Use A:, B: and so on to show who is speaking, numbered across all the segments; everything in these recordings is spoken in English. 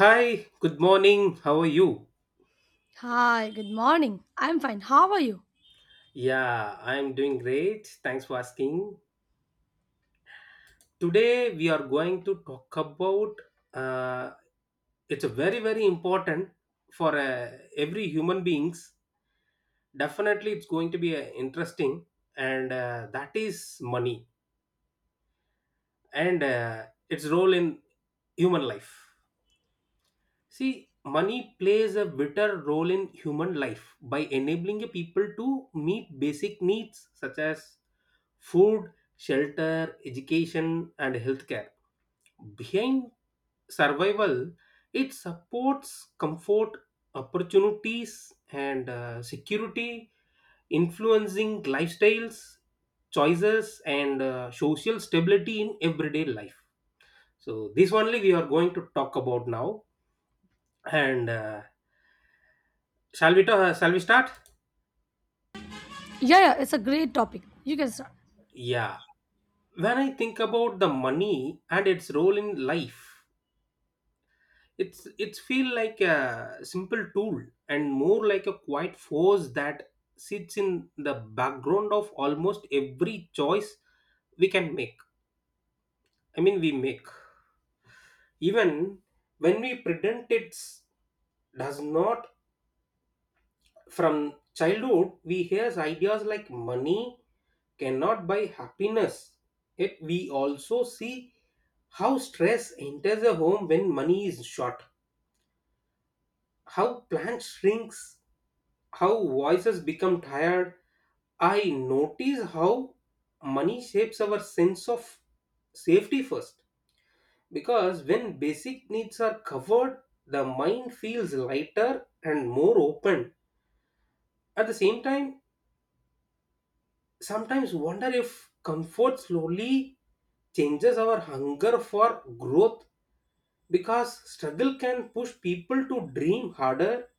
A: Hi, good morning. How are you?
B: Hi, good morning. I'm fine. How are you?
A: Yeah, I'm doing great. Thanks for asking. Today we are going to talk about uh, it's a very very important for every human beings. Definitely, it's going to be interesting, and that is money and its role in human life. See, money plays a vital role in human life by enabling a people to meet basic needs such as food, shelter, education, and healthcare. Behind survival, it supports comfort, opportunities, and security, influencing lifestyles, choices, and social stability in everyday life. So, this only we are going to talk about now. And shall we start?
B: Yeah, yeah, it's a great topic. You can start.
A: Yeah. When I think about the money and its role in life, it's feel like a simple tool and more like a quiet force that sits in the background of almost every choice we can make. I mean, we make even when we pretend it's does not. From childhood we hear ideas like money cannot buy happiness. Yet we also see how stress enters a home when money is short, how plants shrinks, how voices become tired. I notice how money shapes our sense of safety first, because when basic needs are covered, the mind feels lighter and more open. At the same time, sometimes wonder if comfort slowly changes our hunger for growth, because struggle can push people to dream harder.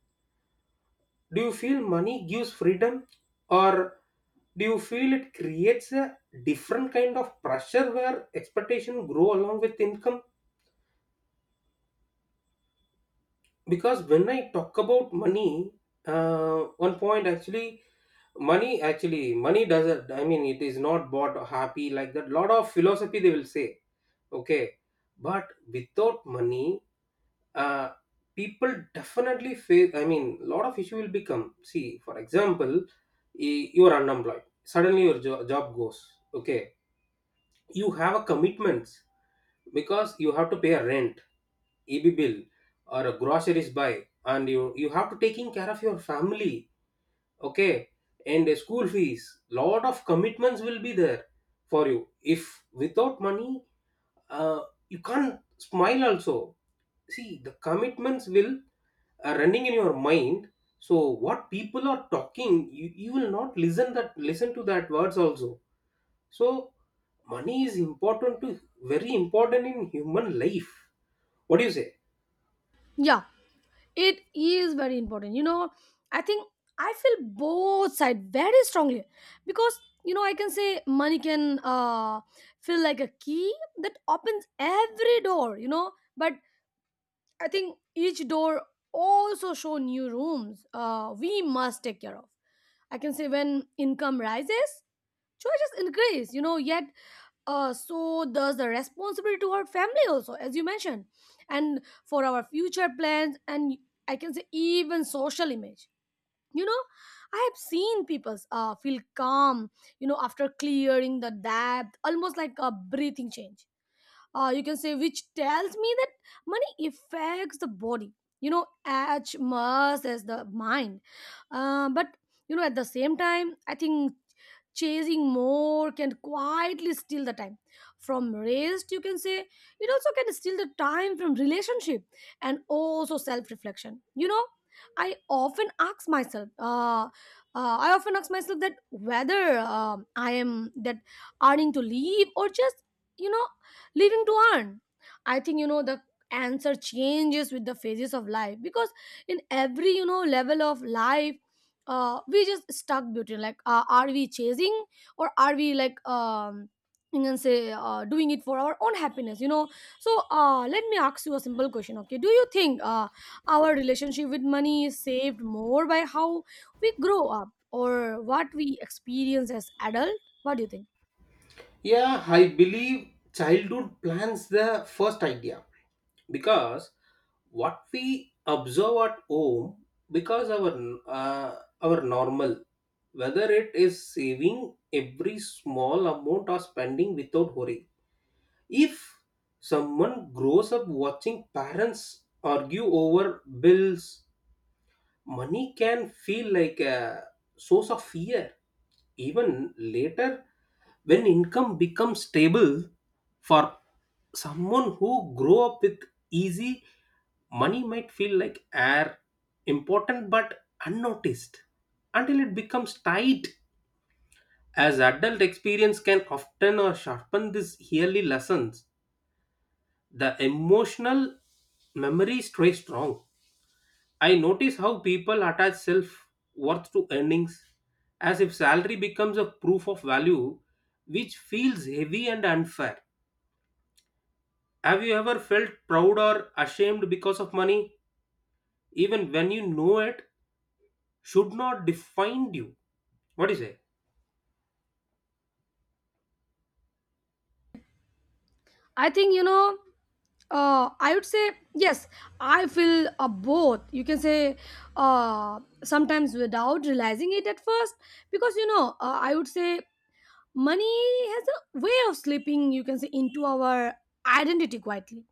A: Do you feel money gives freedom, or do you feel it creates a different kind of pressure where expectation grow along with income? Because when I talk about money, uh, one point actually, money doesn't, I mean, it is not bought or happy, like that lot of philosophy they will say. Okay, but without money, uh, people definitely face, I mean, a lot of issue will become. See, for example, you are unemployed, suddenly your job goes. Okay, you have a commitments, because you have to pay a rent, eb bill, or a groceries buy, and you have to taking care of your family. Okay, and a school fees, lot of commitments will be there for you. If without money, uh, you can't smile also. See, the commitments will are running in your mind, so what people are talking you, you will not listen that, listen to that words also. So money is important, to very important in human life. What do you say?
B: Yeah, it is very important. You know, I think I feel both side very strongly because you know I can say money can feel like a key that opens every door. You know, but I think each door also show new rooms we must take care of. I can say when income rises, choices increase, you know, yet so does the responsibility to our family also, as you mentioned, and for our future plans and I can say even social image. You know, I have seen people feel calm, you know, after clearing the debt, almost like a breathing change, you can say, which tells me that money affects the body you know as much as the mind, but you know at the same time I think chasing more can quietly steal the time from rest. You can say it also can steal the time from relationship and also self-reflection, you know. I often ask myself I often ask myself that whether I am that earning to live or just, you know, living to earn. I think you know the answer changes with the phases of life because in every you know level of life we just stuck between like, are we chasing or are we like, you can say doing it for our own happiness, you know. So let me ask you a simple question. Okay, do you think our relationship with money is saved more by how we grow up or what we experience as adult? What do you think?
A: Yeah, I believe childhood plans the first idea, because what we observe at home, because uh, our normal, whether it is saving every small amount or spending without worry. If someone grows up watching parents argue over bills, money can feel like a source of fear even later, when income becomes stable. For someone who grow up with easy money, might feel like air, important but unnoticed, until it becomes tight. As adult, experience can often or sharpen these yearly lessons. The emotional memory stays strong. I notice how people attach self worth to earnings, as if salary becomes a proof of value, which feels heavy and unfair. Have you ever felt proud or ashamed because of money, even when you know it should not define you? What do you say?
B: I think, you know, I would say yes. I feel both. You can say sometimes without realizing it at first, because you know I would say money has a way of slipping. You can say into our identity quietly.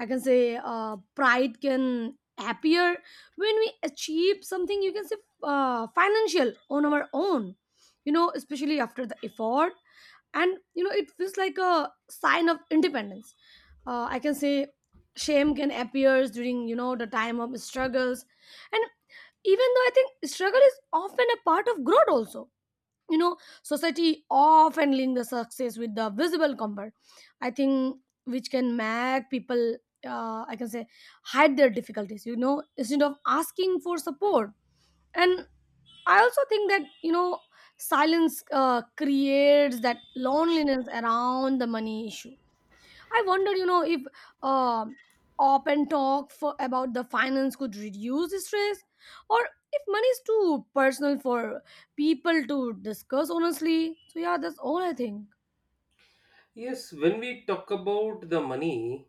B: I can say, pride can appear when we achieve something. You can say financial on our own. You know, especially after the effort, and you know it feels like a sign of independence. I can say shame can appear during you know the time of struggles, and even though I think struggle is often a part of growth also, you know society often link the success with the visible comfort. I think which can make people I can say hide their difficulties, you know, instead of asking for support. And I also think that, you know, silence creates that loneliness around the money issue. I wonder, you know, if um open talk for about the finance could reduce the stress, or if money is too personal for people to discuss honestly. So yeah, that's all I think.
A: Yes, when we talk about the money,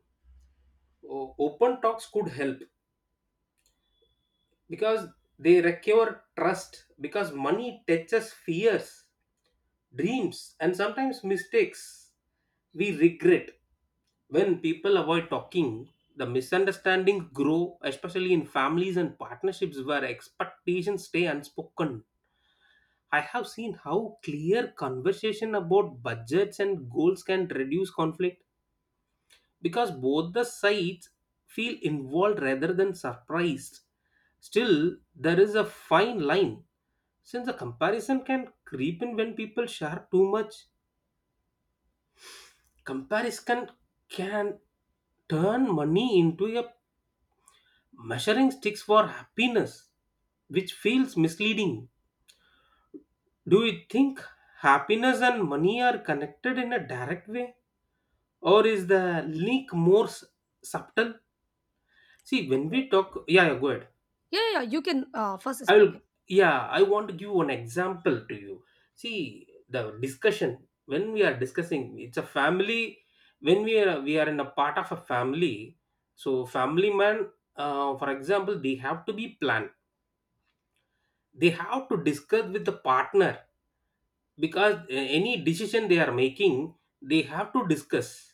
A: open talks could help, because they recur trust, because money touches fears, dreams, and sometimes mistakes we regret. When people avoid talking, the misunderstandings grow, especially in families and partnerships where expectations stay unspoken. I have seen how clear conversation about budgets and goals can reduce conflict, because both the sides feel involved rather than surprised. Still, there is a fine line, since the comparison can creep in when people share too much. Comparison can turn money into a measuring sticks for happiness, which feels misleading. Do you think happiness and money are connected in a direct way? Or is the link more subtle? See when we
B: Okay.
A: talk, yeah, yeah, go ahead.
B: Yeah, yeah, yeah, you can first
A: I will.
B: speak it.
A: Yeah, I want to give one example to you. See, the discussion, when we are discussing, it's a family. When we are in a part of a family, so family man, for example, they have to be planned, they have to discuss with the partner, because any decision they are making, they have to discuss.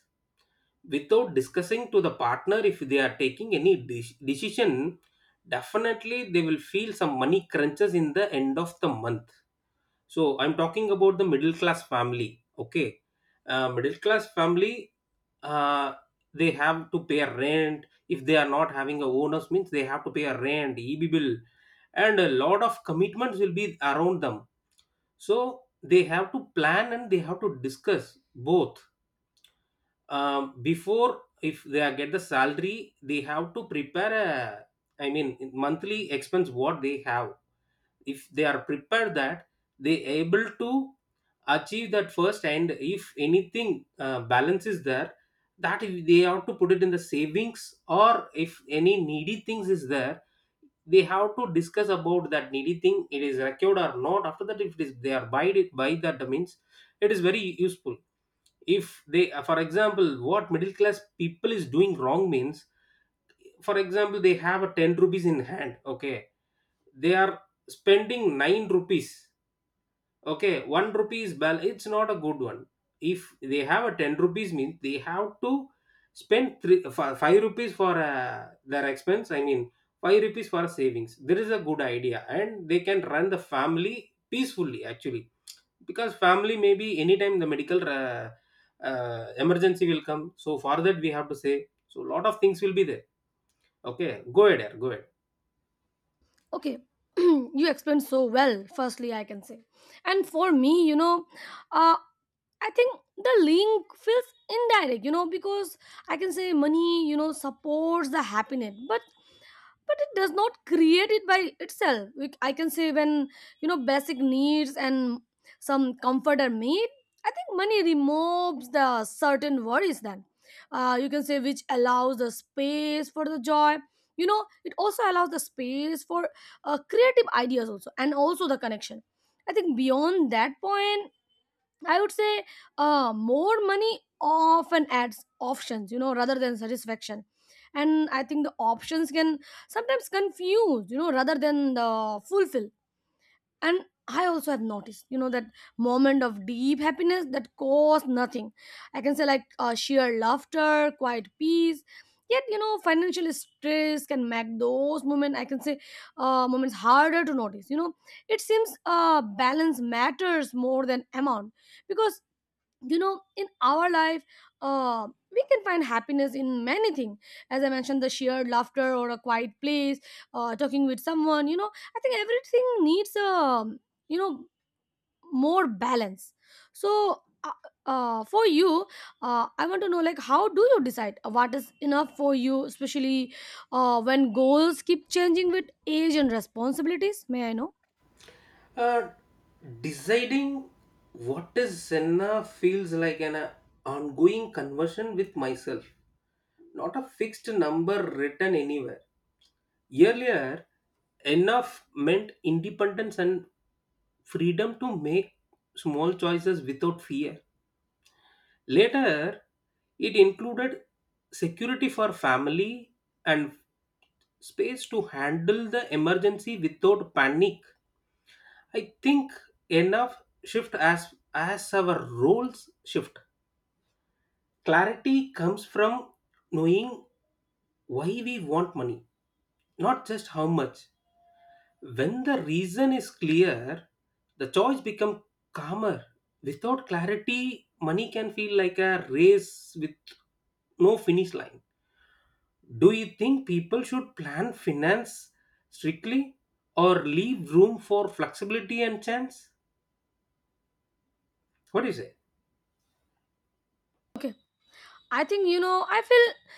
A: Without discussing to the partner, if they are taking any decision, definitely they will feel some money crunches in the end of the month. So I'm talking about the middle class family. Okay, middle class family, uh, they have to pay a rent, if they are not having a owners means they have to pay a rent, eb bill, and a lot of commitments will be around them. So they have to plan and they have to discuss both. Before if they are get the salary, they have to prepare a, I mean, monthly expense what they have. If they are prepared that, they able to achieve that first, and if anything balance is there, that if they have to put it in the savings, or if any needy things is there, they have to discuss about that needy thing, it is recorded or not. After that, if it is, they are buy it, buy that means it is very useful. If they, for example, what middle class people is doing wrong means, for example, they have a 10 rupees in hand. Okay, they are spending 9 rupees. Okay, 1 rupee is bal, it's not a good one. If they have a 10 rupees means, they have to spend 5 rupees for their expense, I mean 5 rupees for savings, there is a good idea, and they can run the family peacefully actually. Because family, maybe anytime the medical emergency will come, so for that we have to say, so lot of things will be there. Okay, go ahead Ar, go ahead.
B: Okay, you explained so well firstly I can say. And for me, you know, uh I think the link feels indirect, you know, because I can say money you know supports the happiness, but it does not create it by itself. I can say when you know basic needs and some comfort are made, I think money removes the certain worries, then you can say which allows the space for the joy. You know it also allows the space for creative ideas also, and also the connection. I think beyond that point, I would say more money often adds options, you know, rather than satisfaction. And I think the options can sometimes confuse, you know, rather than the fulfill. And I also have noticed, you know, that moment of deep happiness that costs nothing. I can say like sheer laughter, quiet peace. Yet, you know, financial stress can make those moments, I can say, moments harder to notice. You know, it seems balance matters more than amount because, you know, in our life, uh, we can find happiness in many things. As I mentioned, the sheer laughter or a quiet place, talking with someone, you know. I think everything needs you know more balance. So for you, I want to know like how do you decide what is enough for you, especially when goals keep changing with age and responsibilities? May I know?
A: uh, deciding what is senna feels like an ongoing conversion with myself, not a fixed number written anywhere. Earlier, enough meant independence and freedom to make small choices without fear. Later, it included security for family and space to handle the emergency without panic. I think enough shift as our roles shift. Clarity comes from knowing why we want money, not just how much. When the reason is clear, the choice becomes calmer. Without clarity, money can feel like a race with no finish line. Do you think people should plan finance strictly, or leave room for flexibility and chance? What do you say?
B: Okay, I think, you know, I feel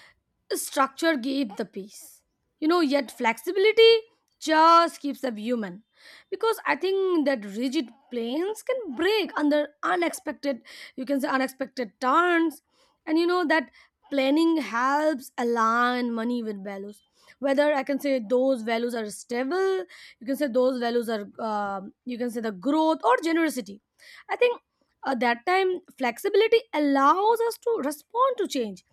B: structure gave the peace, you know, yet flexibility just keeps them human, because I think that rigid planes can break under unexpected, you can say unexpected turns. And you know that planning helps align money with values, whether I can say those values are stable, you can say those values are you can say the growth or generosity. I think at that time flexibility allows us to respond to change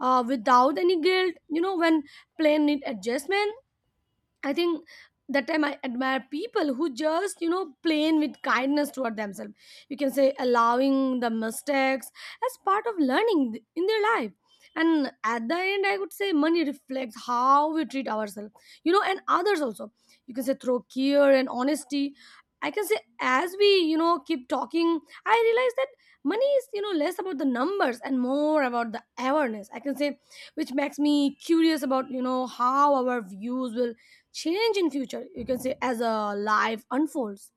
B: without any guilt, you know, when plain need adjustment. I think that time I admire people who just, you know, plain with kindness toward themselves. You can say allowing the mistakes as part of learning in their life. And at the end, I would say money reflects how we treat ourselves, you know, and others also. You can say through care and honesty. I can say as we, you know, keep talking, I realize that money is, you know, less about the numbers and more about the awareness. I can say, which makes me curious about, you know, how our views will change in future, you can say as a life unfolds.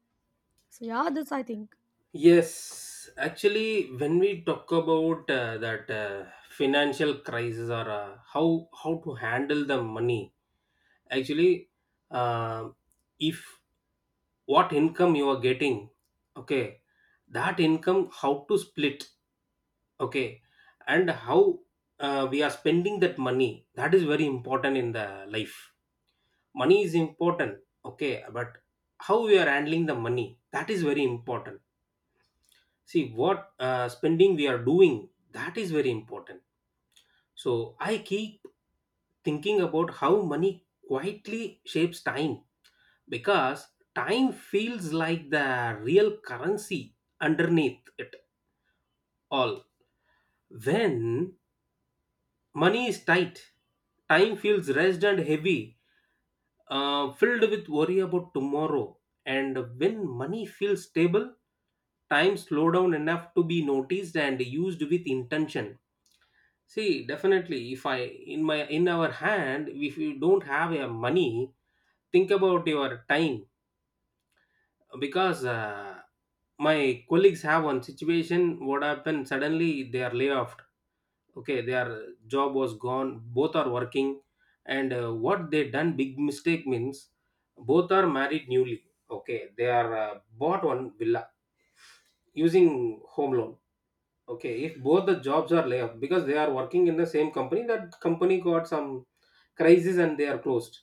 B: So yeah, that's I think.
A: Yes, actually, when we talk about that financial crisis, or how to handle the money, actually, uh, if what income you are getting, okay, that income how to split, okay, and how we are spending that money, that is very important in the life. Money is important, okay, but how we are handling the money, that is very important. See what spending we are doing, that is very important. So I keep thinking about how money quietly shapes time, because time feels like the real currency underneath it all. When money is tight, time feels rest and heavy, filled with worry about tomorrow. And when money feels stable, time slow down enough to be noticed and used with intention. See, definitely, if I in my in our hand, if you don't have a money, think about your time. Because my colleagues have one situation. What happened? Suddenly, they are laid off. Okay, their job was gone. Both are working, and what they done big mistake means, both are married newly. Okay, they are bought one villa using home loan. Okay, if both the jobs are layoff, because they are working in the same company, that company got some crisis and they are closed.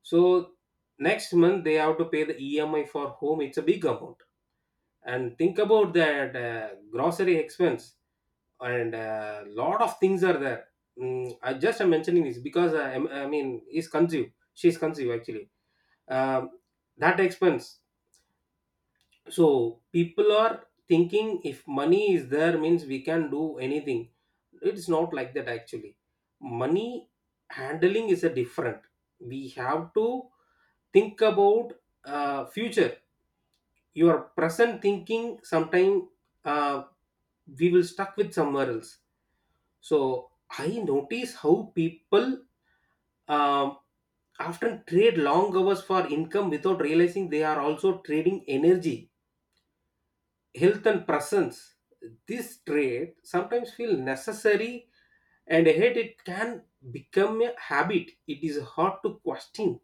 A: So next month they have to pay the EMI for home. It's a big amount. And think about that grocery expense, and a lot of things are there. Mm, I just am mentioning this because I mean, he's conceived. She's conceived actually. Um, that expense. So people are thinking if money is there means we can do anything. It's not like that actually. Money handling is a different, we have to think about future. Your present thinking, sometime, uh, we will stuck with somewhere else. So I notice how people um, often trade long hours for income without realizing they are also trading energy, health, and presence. This trait sometimes feel necessary, and yet it can become a habit it is hard to question.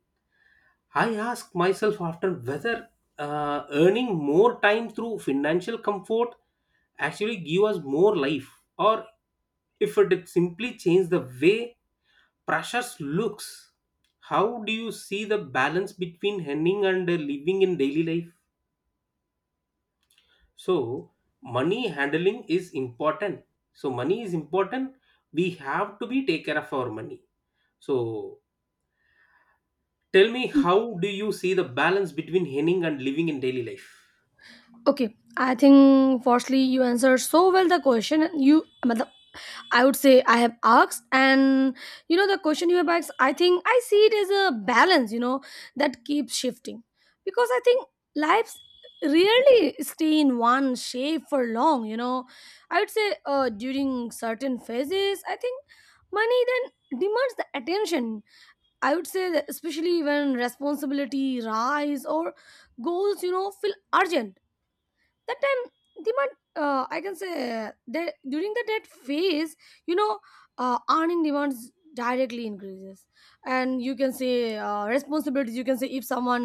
A: I ask myself after whether earning more time through financial comfort actually give us more life, or if it simply change the way precious looks. How do you see the balance between earning and living in daily life? So money handling is important. So money is important. We have to be take care of our money. So tell me, how do you see the balance between earning and living in daily life?
B: Okay, I think firstly you answered so well the question you matlab, I would say I have asked, and you know the question you have asked I think I see it as a balance, you know, that keeps shifting, because I think lives rarely stay in one shape for long, you know. I would say during certain phases I think money then demands the attention. I would say that especially when responsibility rise or goals, you know, feel urgent. That time the demand I can say that during the debt phase, you know, earning demands directly increases, and you can say responsibilities you can say if someone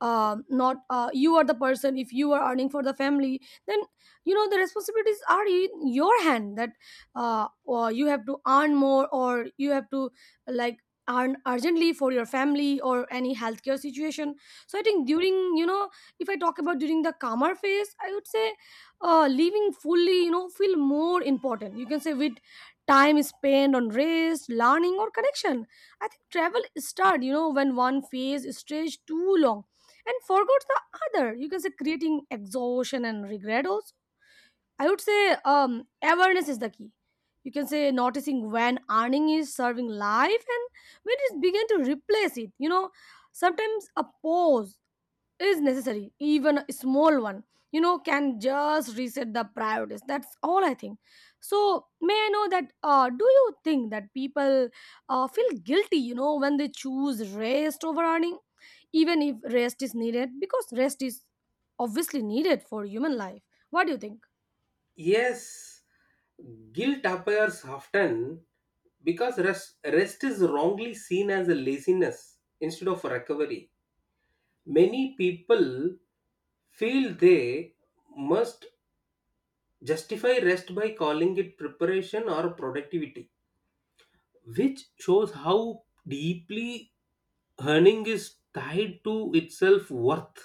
B: not you are the person, if you are earning for the family, then you know the responsibilities are in your hand that or you have to earn more, or you have to like earn urgently for your family or any healthcare situation. So I think during, you know, if I talk about during the calmer phase, I would say living fully you know feel more important. You can say with time spent on rest, learning or connection. I think travel start you know when one phase stretch too long and forgot the other, you can say creating exhaustion and regret also. I would say um, awareness is the key. You can say noticing when earning is serving life and when it begin to replace it, you know. Sometimes a pause is necessary, even a small one, you know, can just reset the priorities. That's all I think. So may I know that, do you think that people feel guilty, you know, when they choose rest over earning, even if rest is needed, because rest is obviously needed for human life? What do you think?
A: Yes, guilt appears often because rest is wrongly seen as a laziness instead of a recovery. Many people feel they must justify rest by calling it preparation or productivity, which shows how deeply earning is tied to its self worth.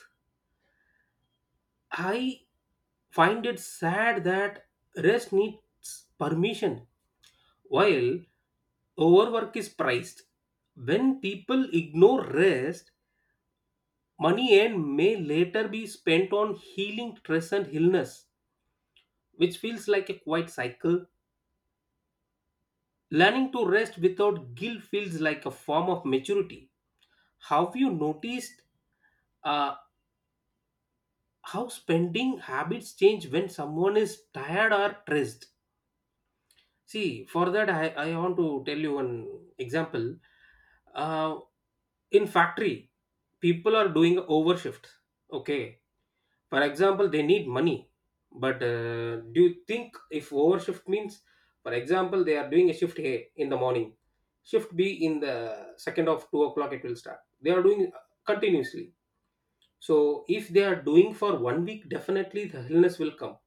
A: I find it sad that rest needs permission while overwork is priced. When people ignore rest, money earned may later be spent on healing stress and illness, which feels like a quiet cycle. Learning to rest without guilt feels like a form of maturity. Have you noticed uh, how spending habits change when someone is tired or stressed? See, for that, I want to tell you one example. Uh, in factory, people are doing overshift. Okay. For example, they need money. But do you think if overshift means, for example, they are doing a shift A in the morning, shift B in the second of 2 o'clock, it will start. They are doing continuously. So if they are doing for 1 week, definitely the illness will come.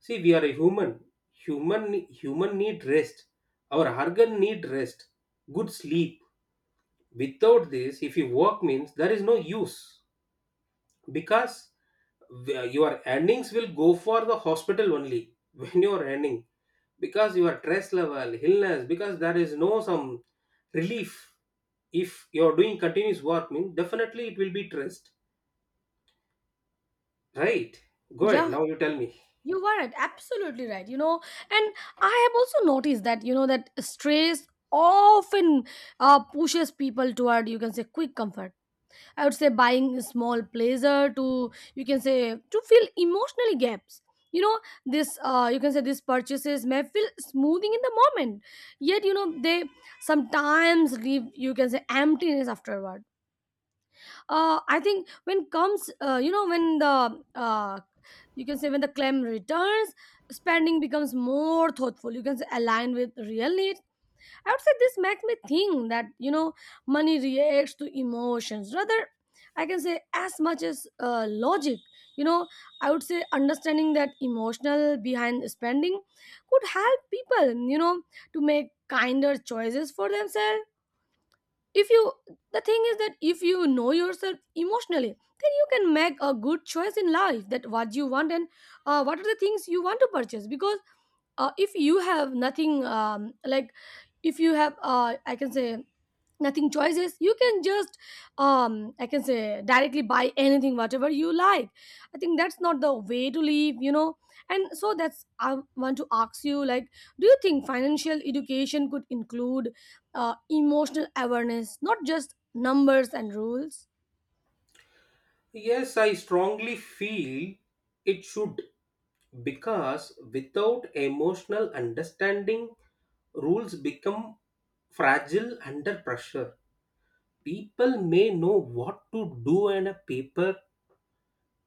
A: See, we are a human. Human need rest. Our organ need rest. Good sleep. Without this, if you work means there is no use because your earnings will go for the hospital only when you are earning because your stress level, illness, because there is no some relief. If you are doing continuous work, means definitely it will be stressed. Right? Go ahead.
B: Yeah,
A: Now you tell me.
B: you were right, absolutely right, you know. And I have also noticed that, you know, that stress often pushes people toward you can say quick comfort. I would say buying a small pleasure to you can say to fill emotionally gaps. You know, this, you can say these purchases may feel smoothing in the moment, yet you know they sometimes leave you can say emptiness afterward. I think when comes you know when the you can say when the claim returns, spending becomes more thoughtful. You can say aligned with real needs. I would say this makes me think that, you know, money reacts to emotions rather, I can say, as much as logic. You know, I would say understanding that emotional behind spending could help people, you know, to make kinder choices for themselves. If you, the thing is that if you know yourself emotionally, then you can make a good choice in life that what you want, and what are the things you want to purchase. Because if you have nothing, like, if you have I can say nothing choices, you can just I can say directly buy anything whatever you like. I think that's not the way to live, you know. And so that's I want to ask you like, do you think financial education could include emotional awareness, not just numbers and rules?
A: Yes, I strongly feel it should. Because without emotional understanding, rules become fragile under pressure. People may know what to do on a paper,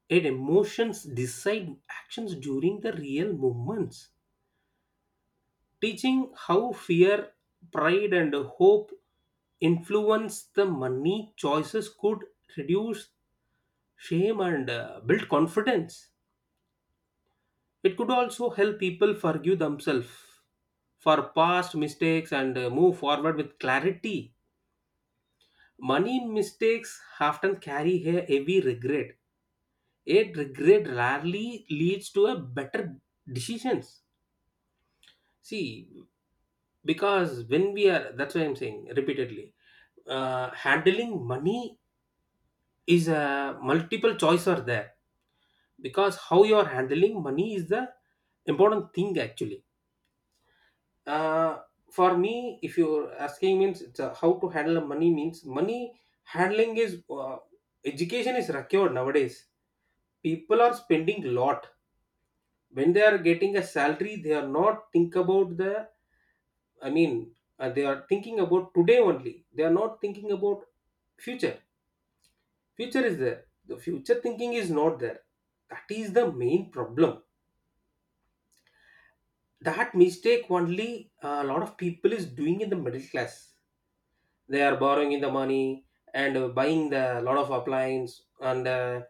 A: and emotions decide actions during the real moments. Teaching how fear, pride, and hope influence the money choices could reduce shame and build confidence. It could also help people forgive themselves for past mistakes and move forward with clarity. Money mistakes often carry a heavy regret. A regret rarely leads to a better decisions. See, because when we are, that's why I'm saying repeatedly, handling money is a multiple choice are there, because how you are handling money is the important thing actually. uh, for me, if you're asking means it's, how to handle money means money handling is, education is required nowadays. People are spending lot when they are getting a salary. They are not think about the, I mean, they are thinking about today only. They are not thinking about future. Future is there, the future thinking is not there. That is the main problem. That mistake only a lot of people is doing in the middle class. They are borrowing in the money and buying the lot of appliance and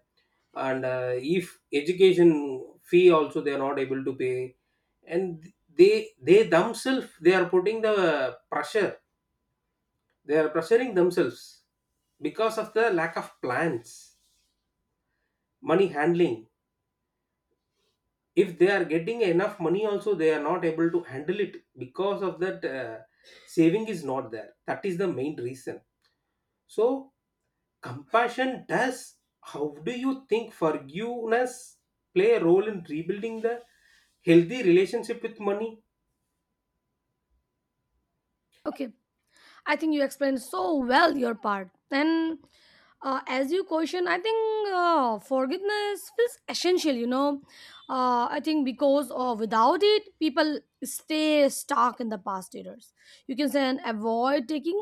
A: if education fee also they are not able to pay. And they themselves, they are putting the pressure. They are pressuring themselves because of the lack of plans, money handling. If they are getting enough money also they are not able to handle it because of that, saving is not there. That is the main reason. So compassion does. How do you think forgiveness play a role in rebuilding the healthy relationship with money?
B: Okay, I think you explained so well your part. And as you question, I think forgiveness feels essential, you know. I think because without it, people stay stuck in the past errors. You can say and avoid taking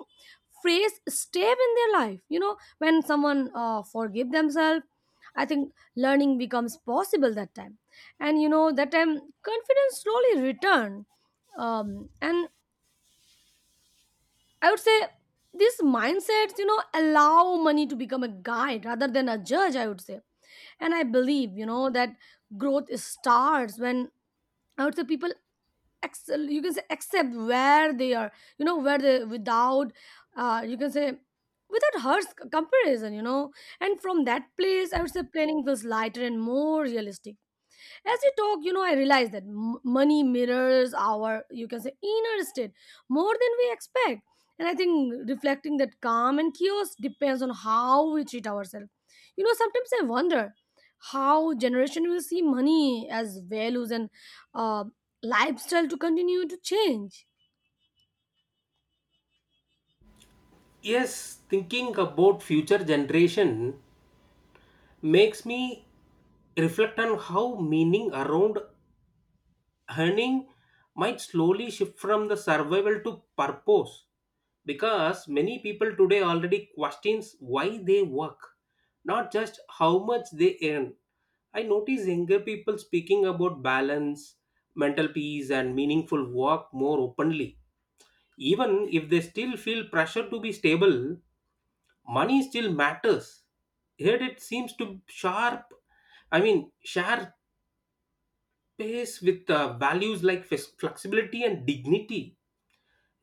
B: phrase step in their life. You know, when someone forgive themselves, I think learning becomes possible that time. And you know, that time confidence slowly return. And I would say these mindsets, you know, allow money to become a guide rather than a judge, I would say. And I believe, you know, that growth starts when, I would say, people excel, you can say accept where they are, you know, where they without you can say without harsh comparison, you know. And from that place I would say planning feels lighter and more realistic. As we talk, you know, I realize that money mirrors our, you can say, inner state more than we expect. And I think reflecting that calm and chaos depends on how we treat ourselves, you know. Sometimes I wonder how generation will see money as values and uh, lifestyle to continue to change.
A: Yes, thinking about future generation makes me reflect on how meaning around earning might slowly shift from the survival to purpose, because many people today already questions why they work, not just how much they earn. I notice younger people speaking about balance, mental peace, and meaningful work more openly. Even if they still feel pressure to be stable, money still matters. Yet it seems to sharp, I mean, share pace with values like flexibility and dignity.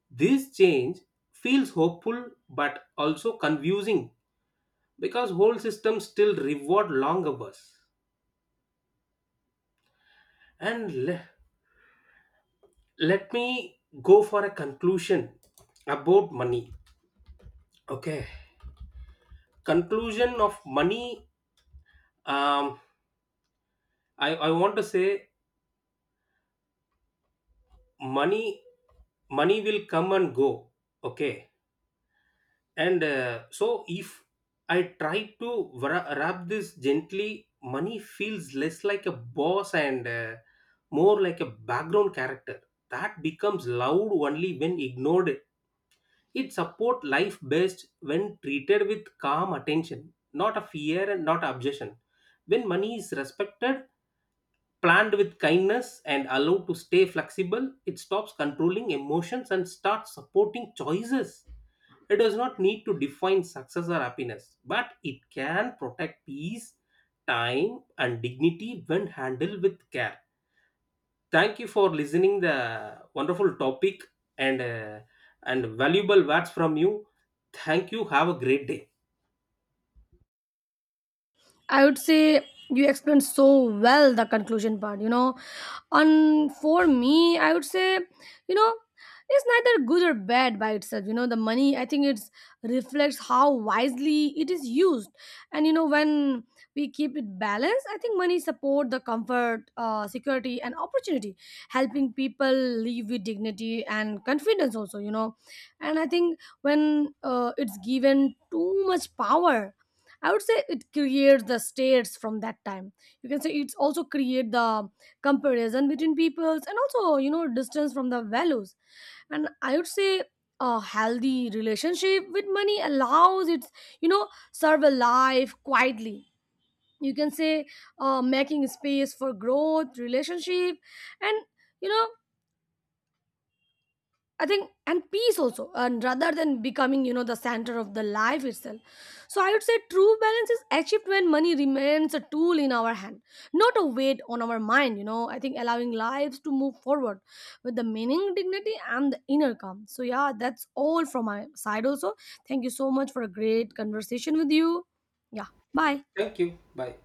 A: This change feels hopeful but also confusing because whole systems still reward long hours. And le- Let me go for a conclusion about money. Okay, conclusion of money. um I want to say, money, money will come and go. Okay. And so if I try to wrap this gently, money feels less like a boss and more like a background character that becomes loud only when ignored. It support life best when treated with calm attention, not a fear and not obsession. When money is respected, planned with kindness and allowed to stay flexible, it stops controlling emotions and starts supporting choices. It does not need to define success or happiness, but it can protect peace, time and dignity when handled with care. Thank you for listening the wonderful topic and uh, and valuable words from you. Thank you. Have a great day.
B: I would say you explained so well the conclusion part, you know. On for me, I would say, you know, it's neither good or bad by itself, you know. The money, I think, it's reflects how wisely it is used. And you know, when we keep it balanced, I think money support the comfort, security and opportunity, helping people live with dignity and confidence also, you know. And I think when it's given too much power, I would say it creates the states from that time. You can say it's also create the comparison between peoples, and also you know distance from the values. And I would say a healthy relationship with money allows it, you know, serve a life quietly. You can say making space for growth, relationship, and, you know, I think, and peace also, and rather than becoming you know the center of the life itself. So I would say true balance is achieved when money remains a tool in our hand, not a weight on our mind, you know. I think allowing lives to move forward with the meaning, dignity and the inner calm. So yeah, that's all from my side also. Thank you so much for a great conversation with you. Yeah. Bye.
A: Thank you. Bye.